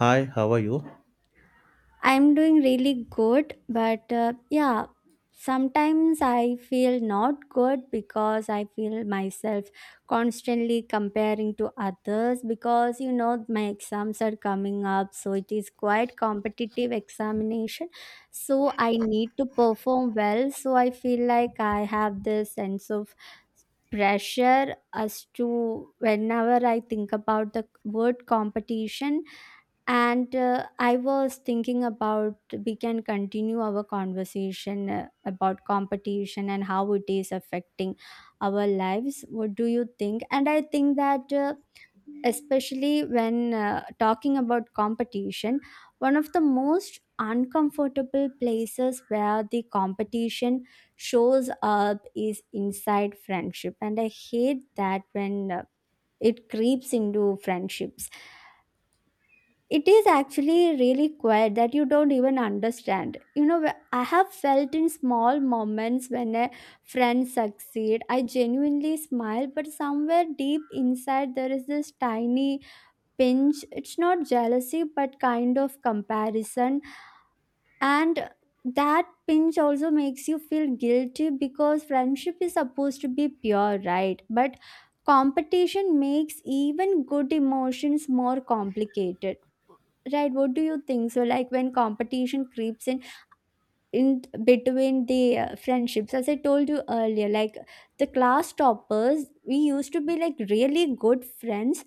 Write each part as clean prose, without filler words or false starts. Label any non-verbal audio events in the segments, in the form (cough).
Hi, how are you? I'm doing really good, but yeah, sometimes I feel not good because I feel myself constantly comparing to others because my exams are coming up, so it is quite competitive examination. So I need to perform well, so I feel like I have this sense of pressure as to whenever I think about the word competition. And I was thinking about, we can continue our conversation about competition and how it is affecting our lives. What do you think? And I think that, especially when talking about competition, one of the most uncomfortable places where the competition shows up is inside friendship. And I hate that when it creeps into friendships. It is actually really quiet that you don't even understand. I have felt in small moments when a friend succeed I genuinely smile, but somewhere deep inside there is this tiny pinch. It's not jealousy, but kind of comparison. And that pinch also makes you feel guilty because friendship is supposed to be pure, right? But competition makes even good emotions more complicated, right? What do you think? So like, when competition creeps in between the friendships. As I told you earlier, like the class toppers, we used to be like really good friends,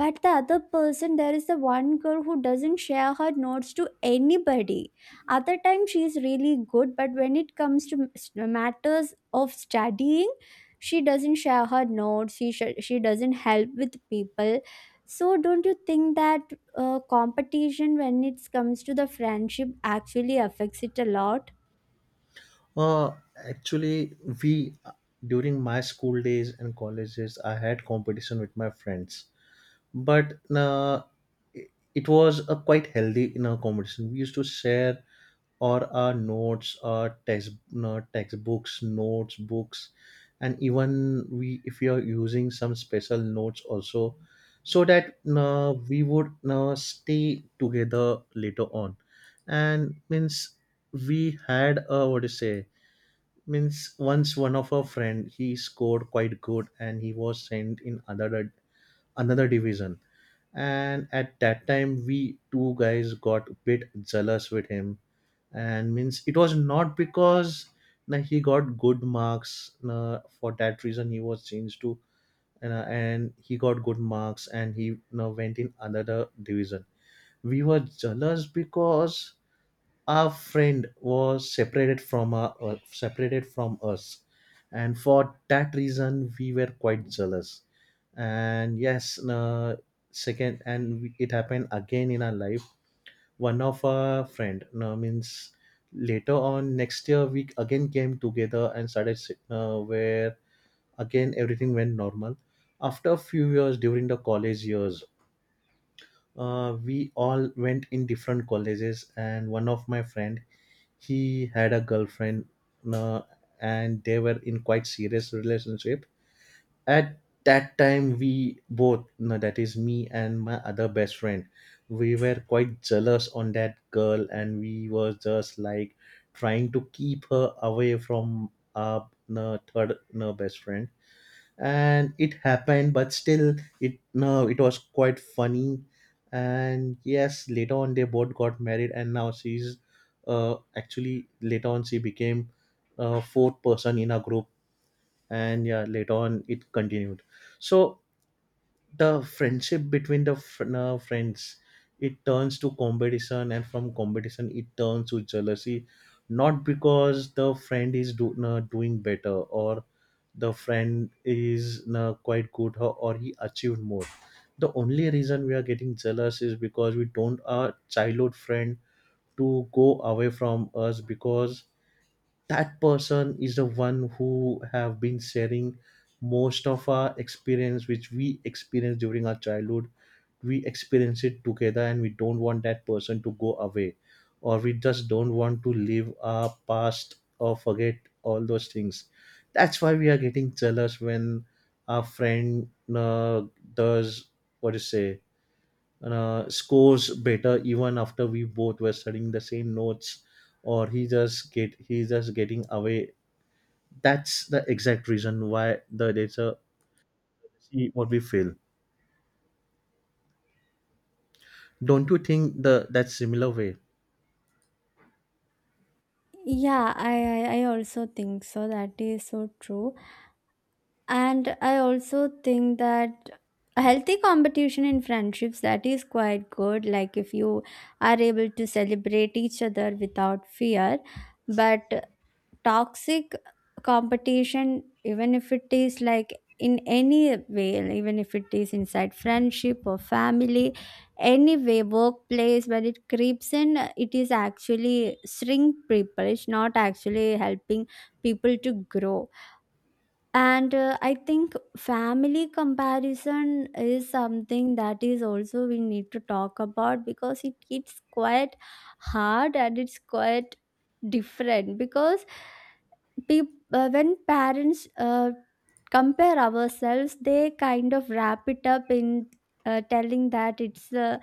but the other person, there is the one girl who doesn't share her notes to anybody. Other time she is really good, but when it comes to matters of studying, she doesn't share her notes. She doesn't help with people. So don't you think that competition when it comes to the friendship actually affects it a lot? Uh, actually, we during my school days and colleges, I had competition with my friends, but it was a quite healthy competition. We used to share or our notes our text no, textbooks notes books, and even we if we are using some special notes also so that we would stay together later on and means we had a what to say means once one of our friend he scored quite good and he was sent in another division. And at that time we two guys got a bit jealous with him and means it was not because na, he got good marks na, for that reason he was changed to na, and he got good marks and he na, went in another division. We were jealous because our friend was separated from separated from us, and for that reason we were quite jealous. And yes, second and it happened again in our life. One of our friend means later on next year we again came together and started where again everything went normal. After a few years during the college years, we all went in different colleges and one of my friend he had a girlfriend, uh, and they were in quite serious relationship. At that time we both no, that is me and my other best friend, we were quite jealous on that girl and we were just like trying to keep her away from our no, third no, best friend, and it happened but still it no it was quite funny. And yes later on they both got married and now she's actually later on she became a fourth person in a group. And yeah later on it continued. So the friendship between the friends, it turns to competition and from competition it turns to jealousy. Not because the friend is doing better or the friend is quite good, or he achieved more. The only reason we are getting jealous is because we don't our childhood friend to go away from us, because that person is the one who have been sharing most of our experience which we experienced during our childhood. We experience it together and we don't want that person to go away, or we just don't want to live our past or forget all those things. That's why we are getting jealous when our friend uh, does what you say, scores better even after we both were studying the same notes, or he just get he's just getting away. That's the exact reason why the data see what we feel. Don't you think the that similar way? Yeah, I also think so. That is so true. And I also think that a healthy competition in friendships, that is quite good. Like if you are able to celebrate each other without fear. But toxic competition, even if it is like in any way, like even if it is inside friendship or family, any way, workplace, when it creeps in, it is actually shrink people. It's not actually helping people to grow. And I think family comparison is something that is also we need to talk about because it's quite hard and it's quite different because Deep, when parents compare ourselves, they kind of wrap it up in telling that it's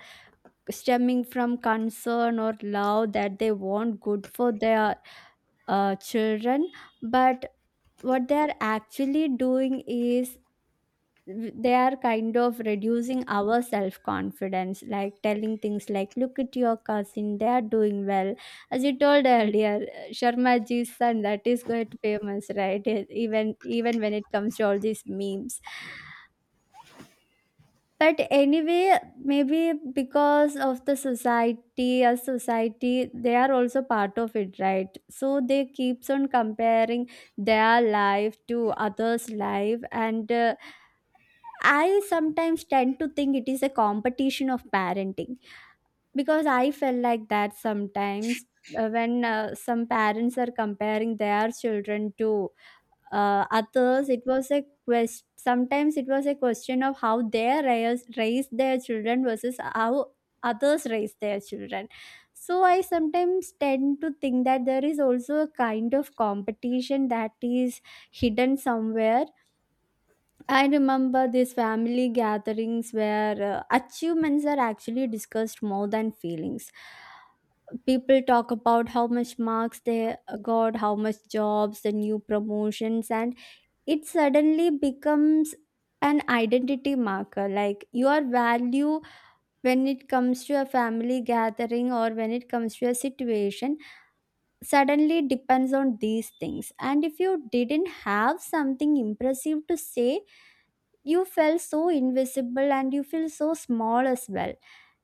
stemming from concern or love, that they want good for their children. But what they are actually doing is, they are kind of reducing our self confidence, like telling things like, look at your cousin, they are doing well. As you told earlier, Sharma ji's son, that is quite famous, right? Even when it comes to all these memes, but anyway, maybe because of the society, as society they are also part of it, right? So they keeps on comparing their life to others life. And I sometimes tend to think it is a competition of parenting, because I felt like that sometimes, when some parents are comparing their children to others. It was a quest Sometimes it was a question of how they raise their children versus how others raise their children. So I sometimes tend to think that there is also a kind of competition that is hidden somewhere. I remember these family gatherings where achievements are actually discussed more than feelings. People talk about how much marks they got, how much jobs, the new promotions, and it suddenly becomes an identity marker, like your value when it comes to a family gathering, or when it comes to a situation, suddenly depends on these things. And if you didn't have something impressive to say, you felt so invisible and you feel so small as well.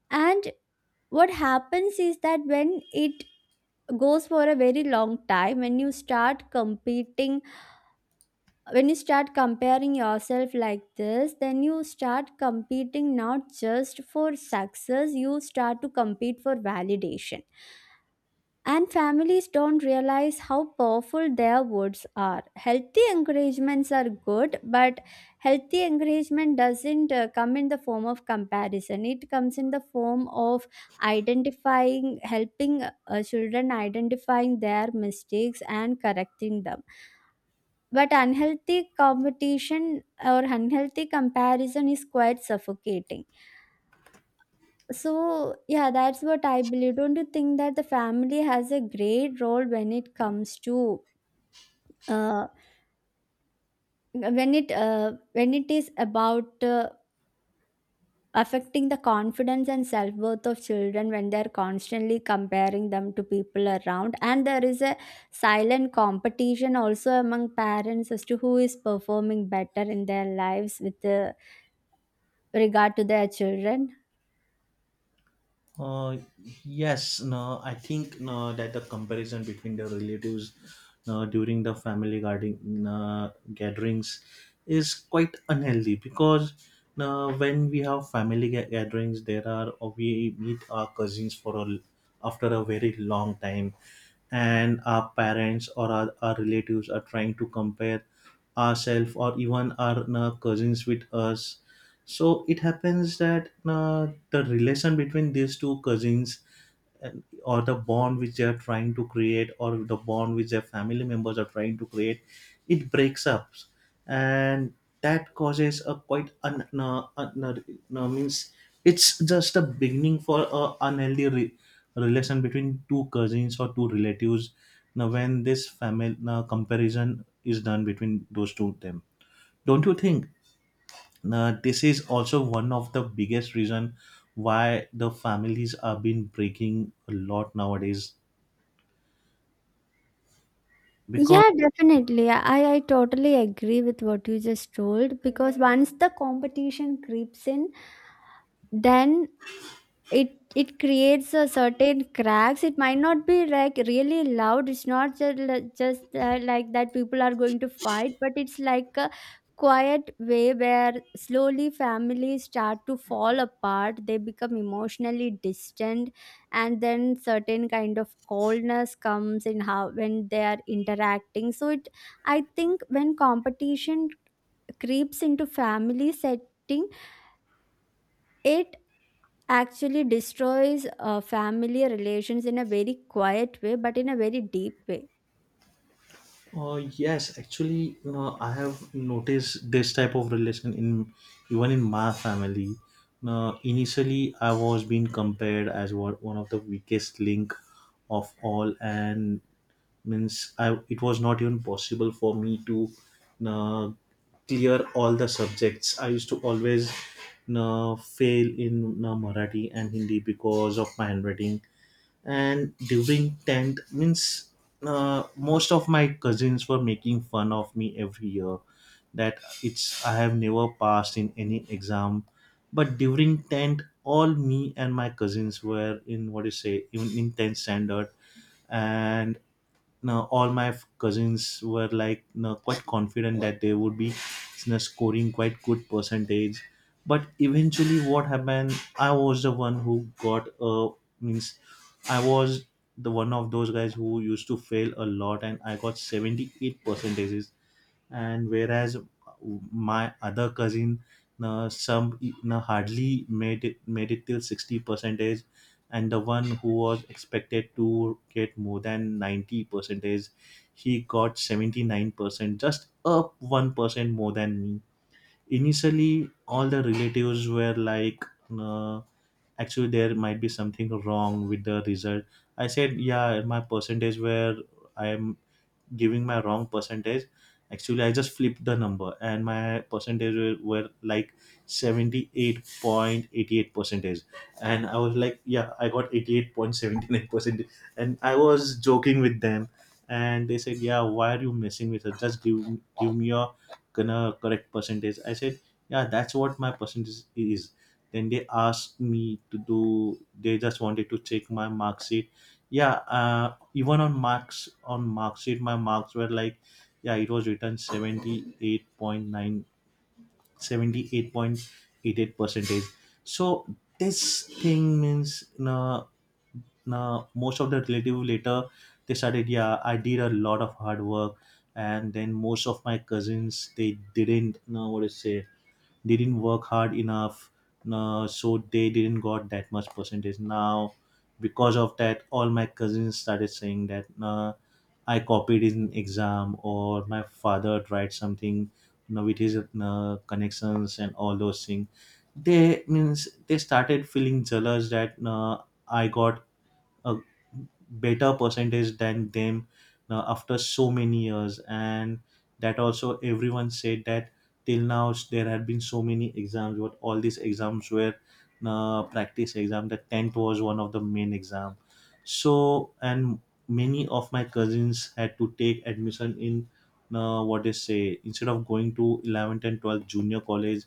And what happens is that when it goes for a very long time, when you start competing, when you start comparing yourself like this, then you start competing not just for success, you start to compete for validation. And families don't realize how powerful their words are. Healthy encouragements are good, but healthy encouragement doesn't come in the form of comparison. It comes in the form of identifying, helping children identifying their mistakes and correcting them. But unhealthy competition or unhealthy comparison is quite suffocating. So, yeah, that's what I believe. Don't you think that the family has a great role when it comes to uh, when it is about affecting the confidence and self worth of children when they're constantly comparing them to people around, and there is a silent competition also among parents as to who is performing better in their lives with regard to their children? Uh, yes, no, I think no, that the comparison between the relatives no, during the family gatherings is quite unhealthy because no, when we have family gatherings, there are or we meet our cousins for a, after a very long time, and our parents or our relatives are trying to compare ourselves or even our cousins with us. So it happens that the relation between these two cousins and- or the bond which they are trying to create or the bond which their family members are trying to create, it breaks up. And that causes a quite no, means it's just a beginning for a unhealthy relation between two cousins or two relatives. Now when this family now comparison is done between those two of them, don't you think this is also one of the biggest reason why the families have been breaking a lot nowadays because. Yeah, definitely. I totally agree with what you just told, because once the competition creeps in, then it it creates a certain cracks. It might not be like really loud, it's not just like that people are going to fight, but it's like a quiet way where slowly families start to fall apart, they become emotionally distant, and then certain kind of coldness comes in how when they are interacting. So it I think when competition creeps into family setting, it actually destroys familiar relations in a very quiet way, but in a very deep way. Yes, actually, I have noticed this type of relation in even in my family. Now, initially, I was being compared as one of the weakest link of all, and means I it was not even possible for me to uh, clear all the subjects. I used to always fail in Marathi and Hindi because of my handwriting, and during 10th means most of my cousins were making fun of me every year that it's I have never passed in any exam. But during 10th all me and my cousins were in what do you say, even in 10th standard, and now all my cousins were like quite confident that they would be scoring quite good percentage. But eventually what happened I was the one who got a means I was the one of those guys who used to fail a lot, and I got 78 percentages. And whereas my other cousin, some hardly made it till 60 percentage, and the one who was expected to get more than 90 percentage, he got 79%, just up 1% more than me. Initially, all the relatives were like. Uh, actually there might be something wrong with the result. I said yeah my percentage where I am giving my wrong percentage actually I just flipped the number and my were like 78.88 percentage. And I was like yeah I got 88.79 percent and I was joking with them. And they said yeah why are you messing with us, just give me your gonna correct percentage. I said yeah that's what my percentage is. Then they asked me to do they just wanted to check my mark sheet. Yeah even on marks on mark sheet my marks were like yeah it was written 78.9, 78.88 percentage. So this thing means na most of the relative later they started yeah I did a lot of hard work. And then most of my cousins they didn't know what to say, didn't work hard enough, so they didn't got that much percentage. Now because of that all my cousins started saying that I copied in exam or my father tried something, with his connections and all those things. They means they started feeling jealous that I got a better percentage than them. Now after so many years, and that also everyone said that till now there had been so many exams, what all these exams were practice exam, the 10th was one of the main exam. So and many of my cousins had to take admission in what they say instead of going to 11th and 12th junior college,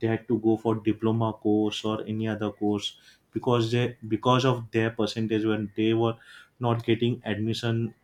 they had to go for diploma course or any other course. Because they because of their percentage when they were not getting admission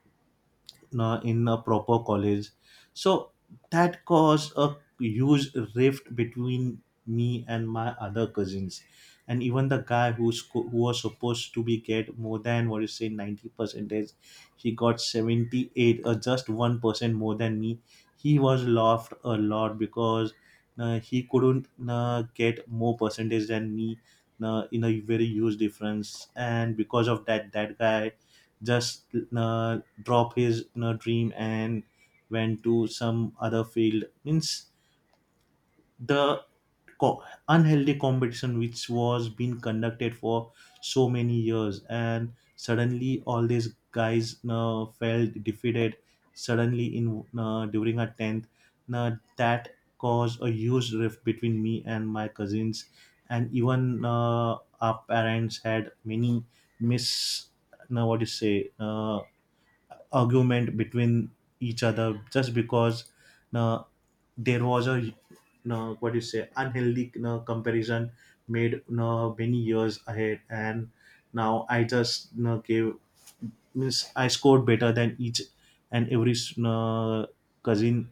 in a proper college. So that caused a huge rift between me and my other cousins, and even the guy who's who was supposed to be get more than what you say 90 percentage, he got 78 or just 1% more than me. He was laughed a lot because he couldn't get more percentage than me, in a very huge difference. And because of that that guy just uh, drop his dream and went to some other field. Means the co- unhealthy competition which was being conducted for so many years, and suddenly all these guys felt defeated suddenly in you during a 10th you that caused a huge rift between me and my cousins. And even our parents had many mis now what do you say argument between each other just because uh, there was a what do you say unhealthy comparison made many years ahead. And now I just gave means I scored better than each and every uh, cousin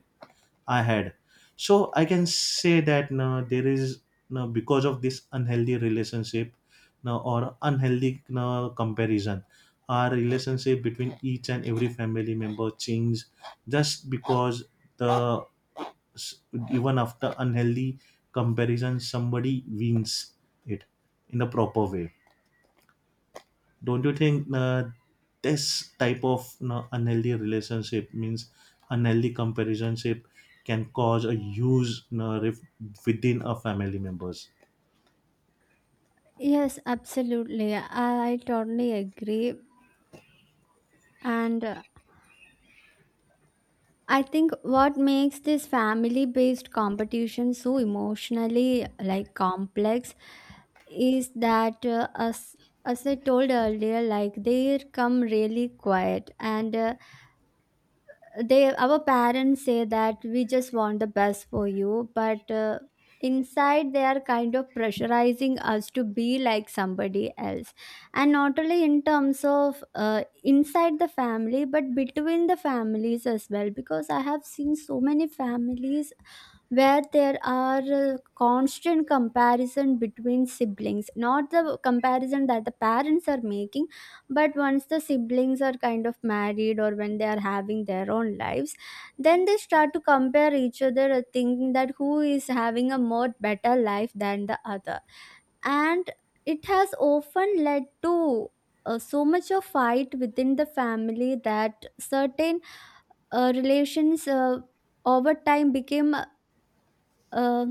I had. So I can say that now there is now because of this unhealthy relationship now or unhealthy now comparison, our relationship between each and every family member changes just because the s- even after unhealthy comparison somebody wins it in a proper way. Don't you think this type of unhealthy relationship means unhealthy comparison can cause a huge rift within a family members? Yes, absolutely. I totally agree. And I think what makes this family based competition so emotionally like complex is that as I told earlier, like they come really quiet. And they our parents say that we just want the best for you, but inside they are kind of pressurizing us to be like somebody else. And not only in terms of inside the family, but between the families as well, because I have seen so many families where there are constant comparison between siblings, not the comparison that the parents are making, but once the siblings are kind of married or when they are having their own lives, then they start to compare each other, thinking that who is having a more better life than the other. And it has often led to so much of fight within the family that certain relations over time became uh,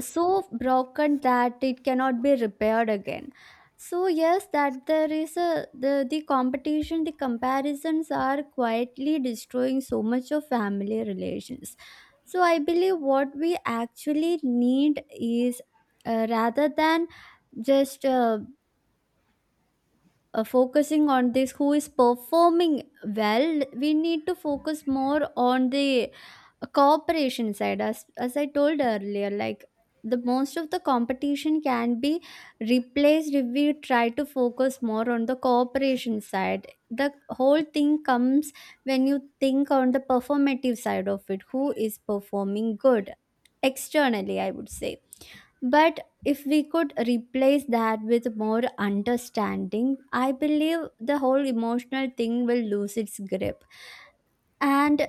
so broken that it cannot be repaired again. So yes, that there is the competition, the comparisons are quietly destroying so much of family relations. So I believe what we actually need is, rather than just focusing on this, who is performing well, we need to focus more on the cooperation side. As I told earlier, like the most of the competition can be replaced if we try to focus more on the cooperation side. The whole thing comes when you think on the performative side of it, who is performing good externally, I would say. But if we could replace that with more understanding, I believe the whole emotional thing will lose its grip. And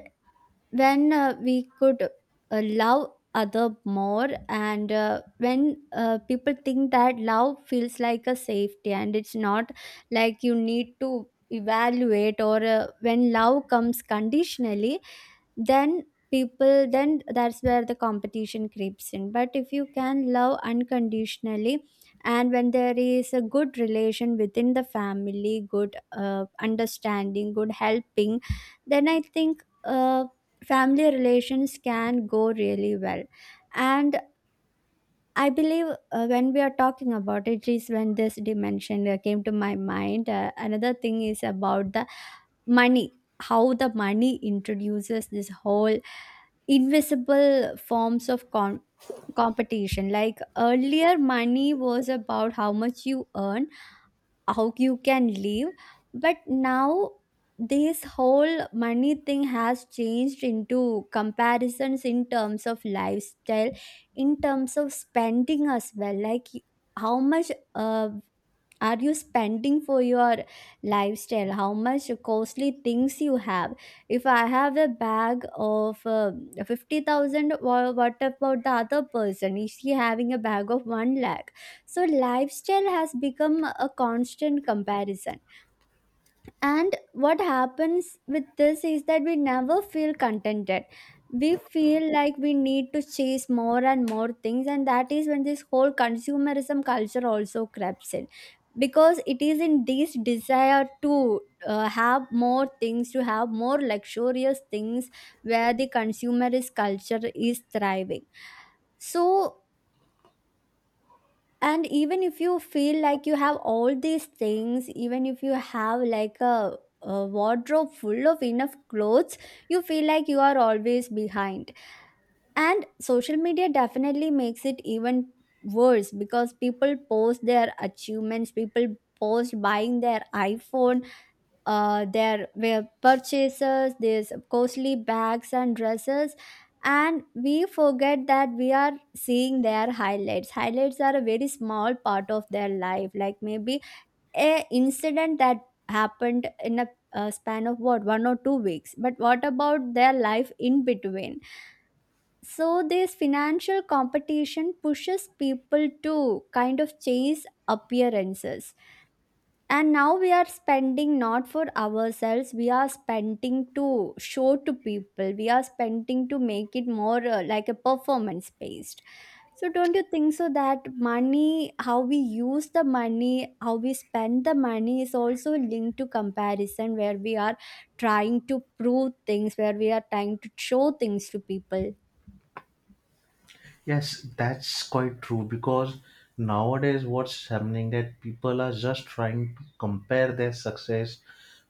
when we could love other more, and when people think that love feels like a safety, and it's not like you need to evaluate. Or when love comes conditionally, then people then that's where the competition creeps in. But if you can love unconditionally, and when there is a good relation within the family, good understanding, good helping, then I think family relations can go really well. And I believe when we are talking about it, is when this dimension came to my mind. Another thing is about the money, how the money introduces this whole invisible forms of competition. Like earlier, money was about how much you earn, how you can live. But now this whole money thing has changed into comparisons in terms of lifestyle, in terms of spending as well. Like how much are you spending for your lifestyle, how much costly things you have. If I have a bag of 50,000, what about the other person, is he having a bag of 1 lakh? So lifestyle has become a constant comparison. And what happens with this is that we never feel contented. We feel like we need to chase more and more things, and that is when this whole consumerism culture also creeps in. Because it is in this desire to have more things, to have more luxurious things, where the consumerist culture is thriving. So, and even if you feel like you have all these things, even if you have like a wardrobe full of enough clothes, you feel like you are always behind. And social media definitely makes it even worse, because people post their achievements, people post buying their iPhone, there were purchases, these costly bags and dresses, and we forget that we are seeing their highlights. Highlights are a very small part of their life, like maybe a incident that happened in a span of what 1 or 2 weeks. But what about their life in between? So this financial competition pushes people to kind of chase appearances, and now we are spending not for ourselves, we are spending to show to people, we are spending to make it more like a performance based. So don't you think so that money, how we use the money, how we spend the money is also linked to comparison, where we are trying to prove things, where we are trying to show things to people? Yes, that's quite true because nowadays what's happening that people are just trying to compare their success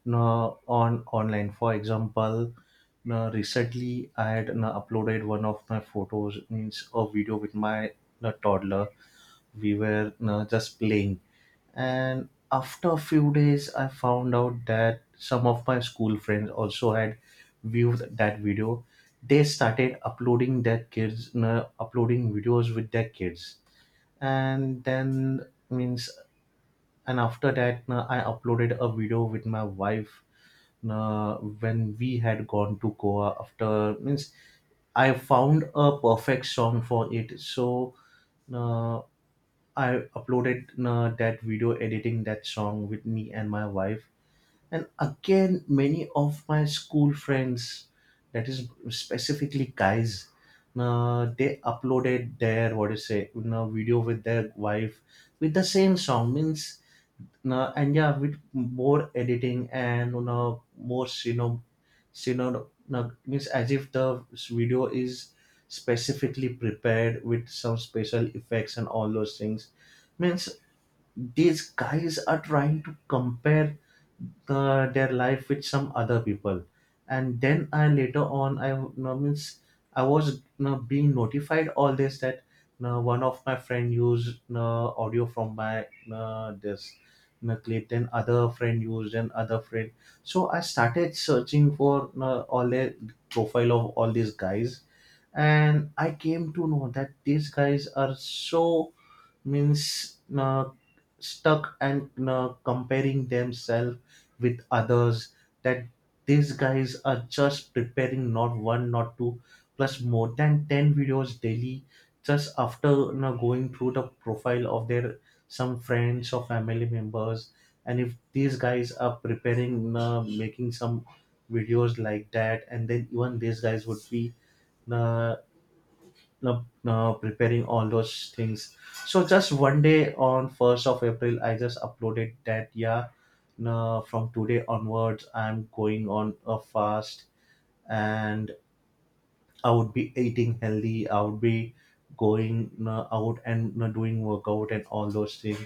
no, on online. For example, no, recently I had no, uploaded one of my photos, means a video with my no, toddler. We were no, just playing. And after a few days, I found out that some of my school friends also had viewed that video. They started uploading their kids, uploading videos with their kids, and then means, and after that, I uploaded a video with my wife when we had gone to Goa after means I found a perfect song for it. So uh, I uploaded that video editing that song with me and my wife. And again, many of my school friends, that is specifically guys, they uploaded their what do you say, you know, video with their wife with the same song. Means no, and yeah, with more editing and you know more synonym, synonym no, means as if the video is specifically prepared with some special effects and all those things. Means these guys are trying to compare their life with some other people and then I later on I you know, means I was you know, being notified all this that you know, one of my friend used you know, audio from my you know, this you know, clip then other friend used and other friend. So I started searching for you know, all the profile of all these guys and I came to know that these guys are so means stuck and comparing themselves with others, that these guys are just preparing not one, not two, plus more than 10 videos daily, just after you know, going through the profile of their some friends or family members. And if these guys are preparing you know, making some videos like that, and then even these guys would be uh, no, no, preparing all those things. So just one day on first of April, I just uploaded that. Yeah, no, from today onwards, I'm going on a fast, and I would be eating healthy. I would be going you know, out and you know, doing workout and all those things.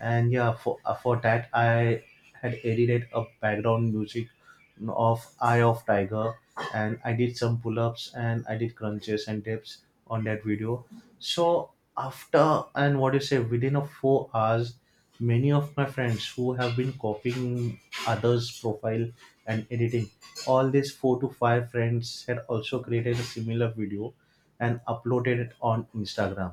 And yeah, for that I had edited a background music you know, of Eye of Tiger, and I did some pull ups and I did crunches and dips on that video. So after and what do you say within a 4 hours, many of my friends who have been copying others' profile and editing, all these four to five friends had also created a similar video and uploaded it on Instagram.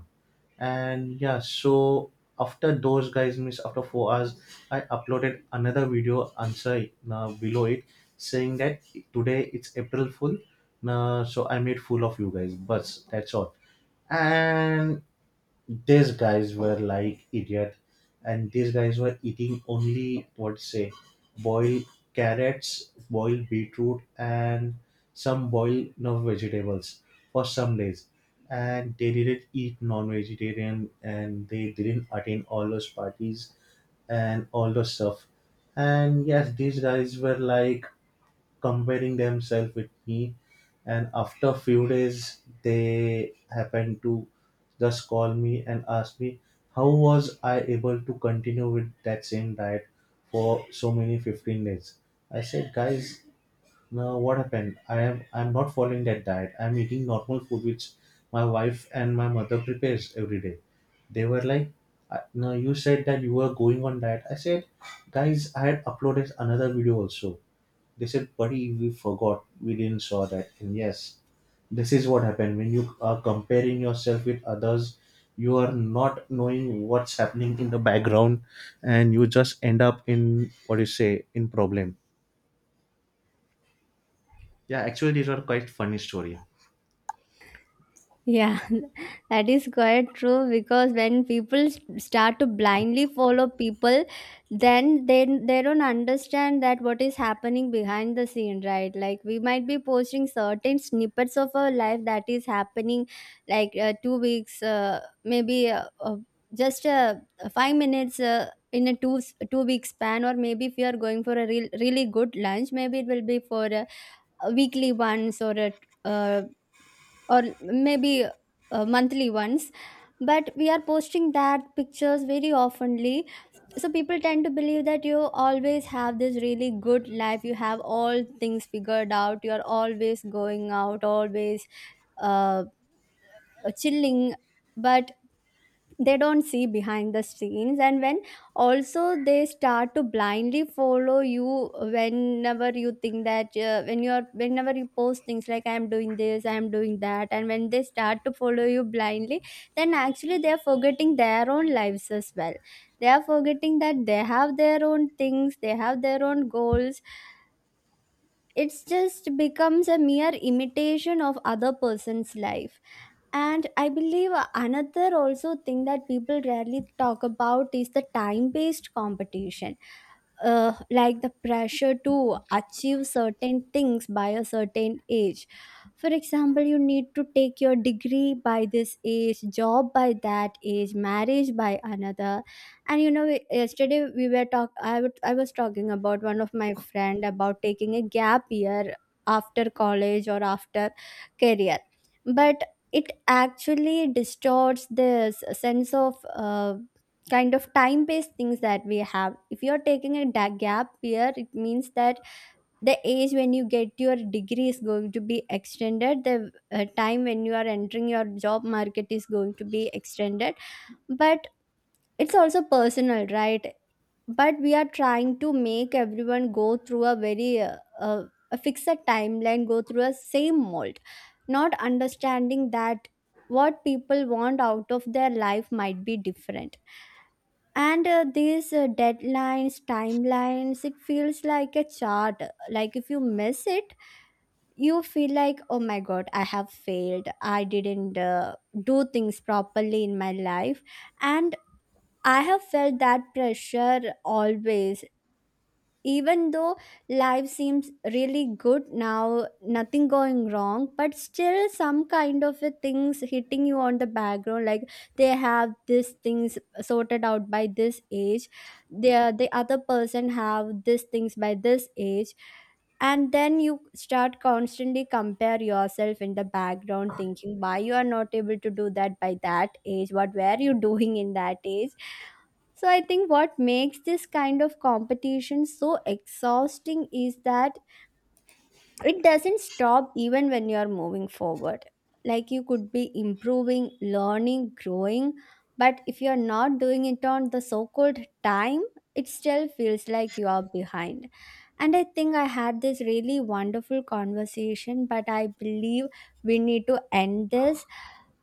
And yeah, so after those guys miss after 4 hours, I uploaded another video answer below it, saying that today it's April Fool. So I made fool of you guys. But that's all, and these guys were like idiot, and these guys were eating only what say boiled carrots, boiled beetroot, and some boiled you know, vegetables for some days. And they didn't eat non-vegetarian and they didn't attend all those parties and all those stuff. And yes, these guys were like comparing themselves with me, and after few days they happened to just call me and ask me how was I able to continue with that same diet for so many 15 days. I said guys, now what happened, I'm not following that diet, I'm eating normal food which my wife and my mother prepares every day. They were like, "I- no, you said that you were going on diet." I said, guys, I had uploaded another video also. They said, buddy, we forgot. We didn't saw that. And yes, this is what happened. When you are comparing yourself with others, you are not knowing what's happening in the background and you just end up in what you say in problem. Yeah, actually these are quite funny story. Yeah. That is quite true, because when start to blindly follow people, then they don't understand that what is happening behind the scene, right? Like we might be posting certain snippets of our life that is happening, like 2 weeks, maybe just 5 minutes. In a 2 week span. Or maybe if you are going for a real, really good lunch, maybe it will be for a weekly once, or a uh, or maybe monthly ones. But we are posting that pictures very oftenly, so people tend to believe that you always have this really good life, you have all things figured out, you are always going out, always uh, chilling. But they don't see behind the scenes. And when also they start to blindly follow you, whenever you think that when you are, whenever you post things like I am doing this, I am doing that, and when they start to follow you blindly, then actually they are forgetting their own lives as well. They are forgetting that they have their own things, they have their own goals. It's just becomes a mere imitation of other person's life. And I believe another also thing that people rarely talk about is the time based competition. Like the pressure to achieve certain things by a certain age. For example, you need to take your degree by this age, job by that age, marriage by another. And you know, yesterday we were talk. I was talking about one of my friend about taking a gap year after college or after career. But it actually distorts this sense of kind of time-based things that we have. If you're taking a gap year, it means that the age when you get your degree is going to be extended. The time when you are entering your job market is going to be extended. But it's also personal, right? But we are trying to make everyone go through a very a fixed timeline, go through a same mold, not understanding that what people want out of their life might be different. And these deadlines, timelines, it feels like a chart. Like if you miss it, you feel like, oh my god, I have failed, I didn't do things properly in my life. And I have felt that pressure always. Even though life seems really good now, nothing going wrong, but still some kind of a things hitting you on the background. Like they have these things sorted out by this age, the other person have these things by this age, and then you start constantly compare yourself in the background, thinking why you are not able to do that by that age. What were you (laughs) doing in that age? So I think what makes this kind of competition so exhausting is that it doesn't stop even when you're moving forward. Like you could be improving, learning, growing, but if you're not doing it on the so called time, it still feels like you are behind. And I think I had this really wonderful conversation, but I believe we need to end this.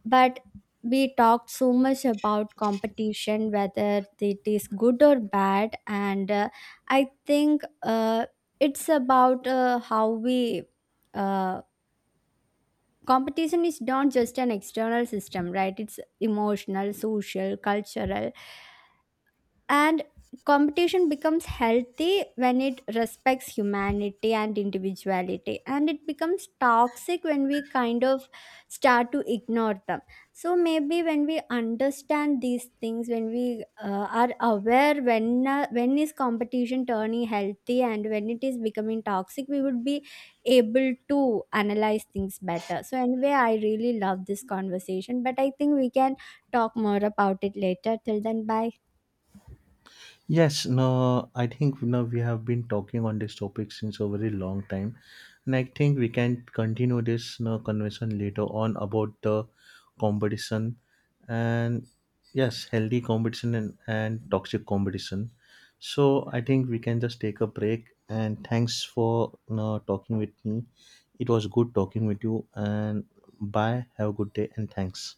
But we talked so much about competition, whether it is good or bad. And I think it's about how we. Uh, Competition is not just an external system, right? It's emotional, social, cultural. And competition becomes healthy when it respects humanity and individuality, and it becomes toxic when we kind of start to ignore them. So maybe when we understand these things, when we are aware when is competition turning healthy and when it is becoming toxic, we would be able to analyze things better. So anyway, I really love this conversation, but I think we can talk more about it later. Till then, bye. Yes, no, I think you know, we have been talking on this topic since a very long time, and I think we can continue this you know, conversation later on about the competition. And yes, healthy competition and toxic competition. So I think we can just take a break. And thanks for you know, talking with me. It was good talking with you. And bye. Have a good day. And thanks.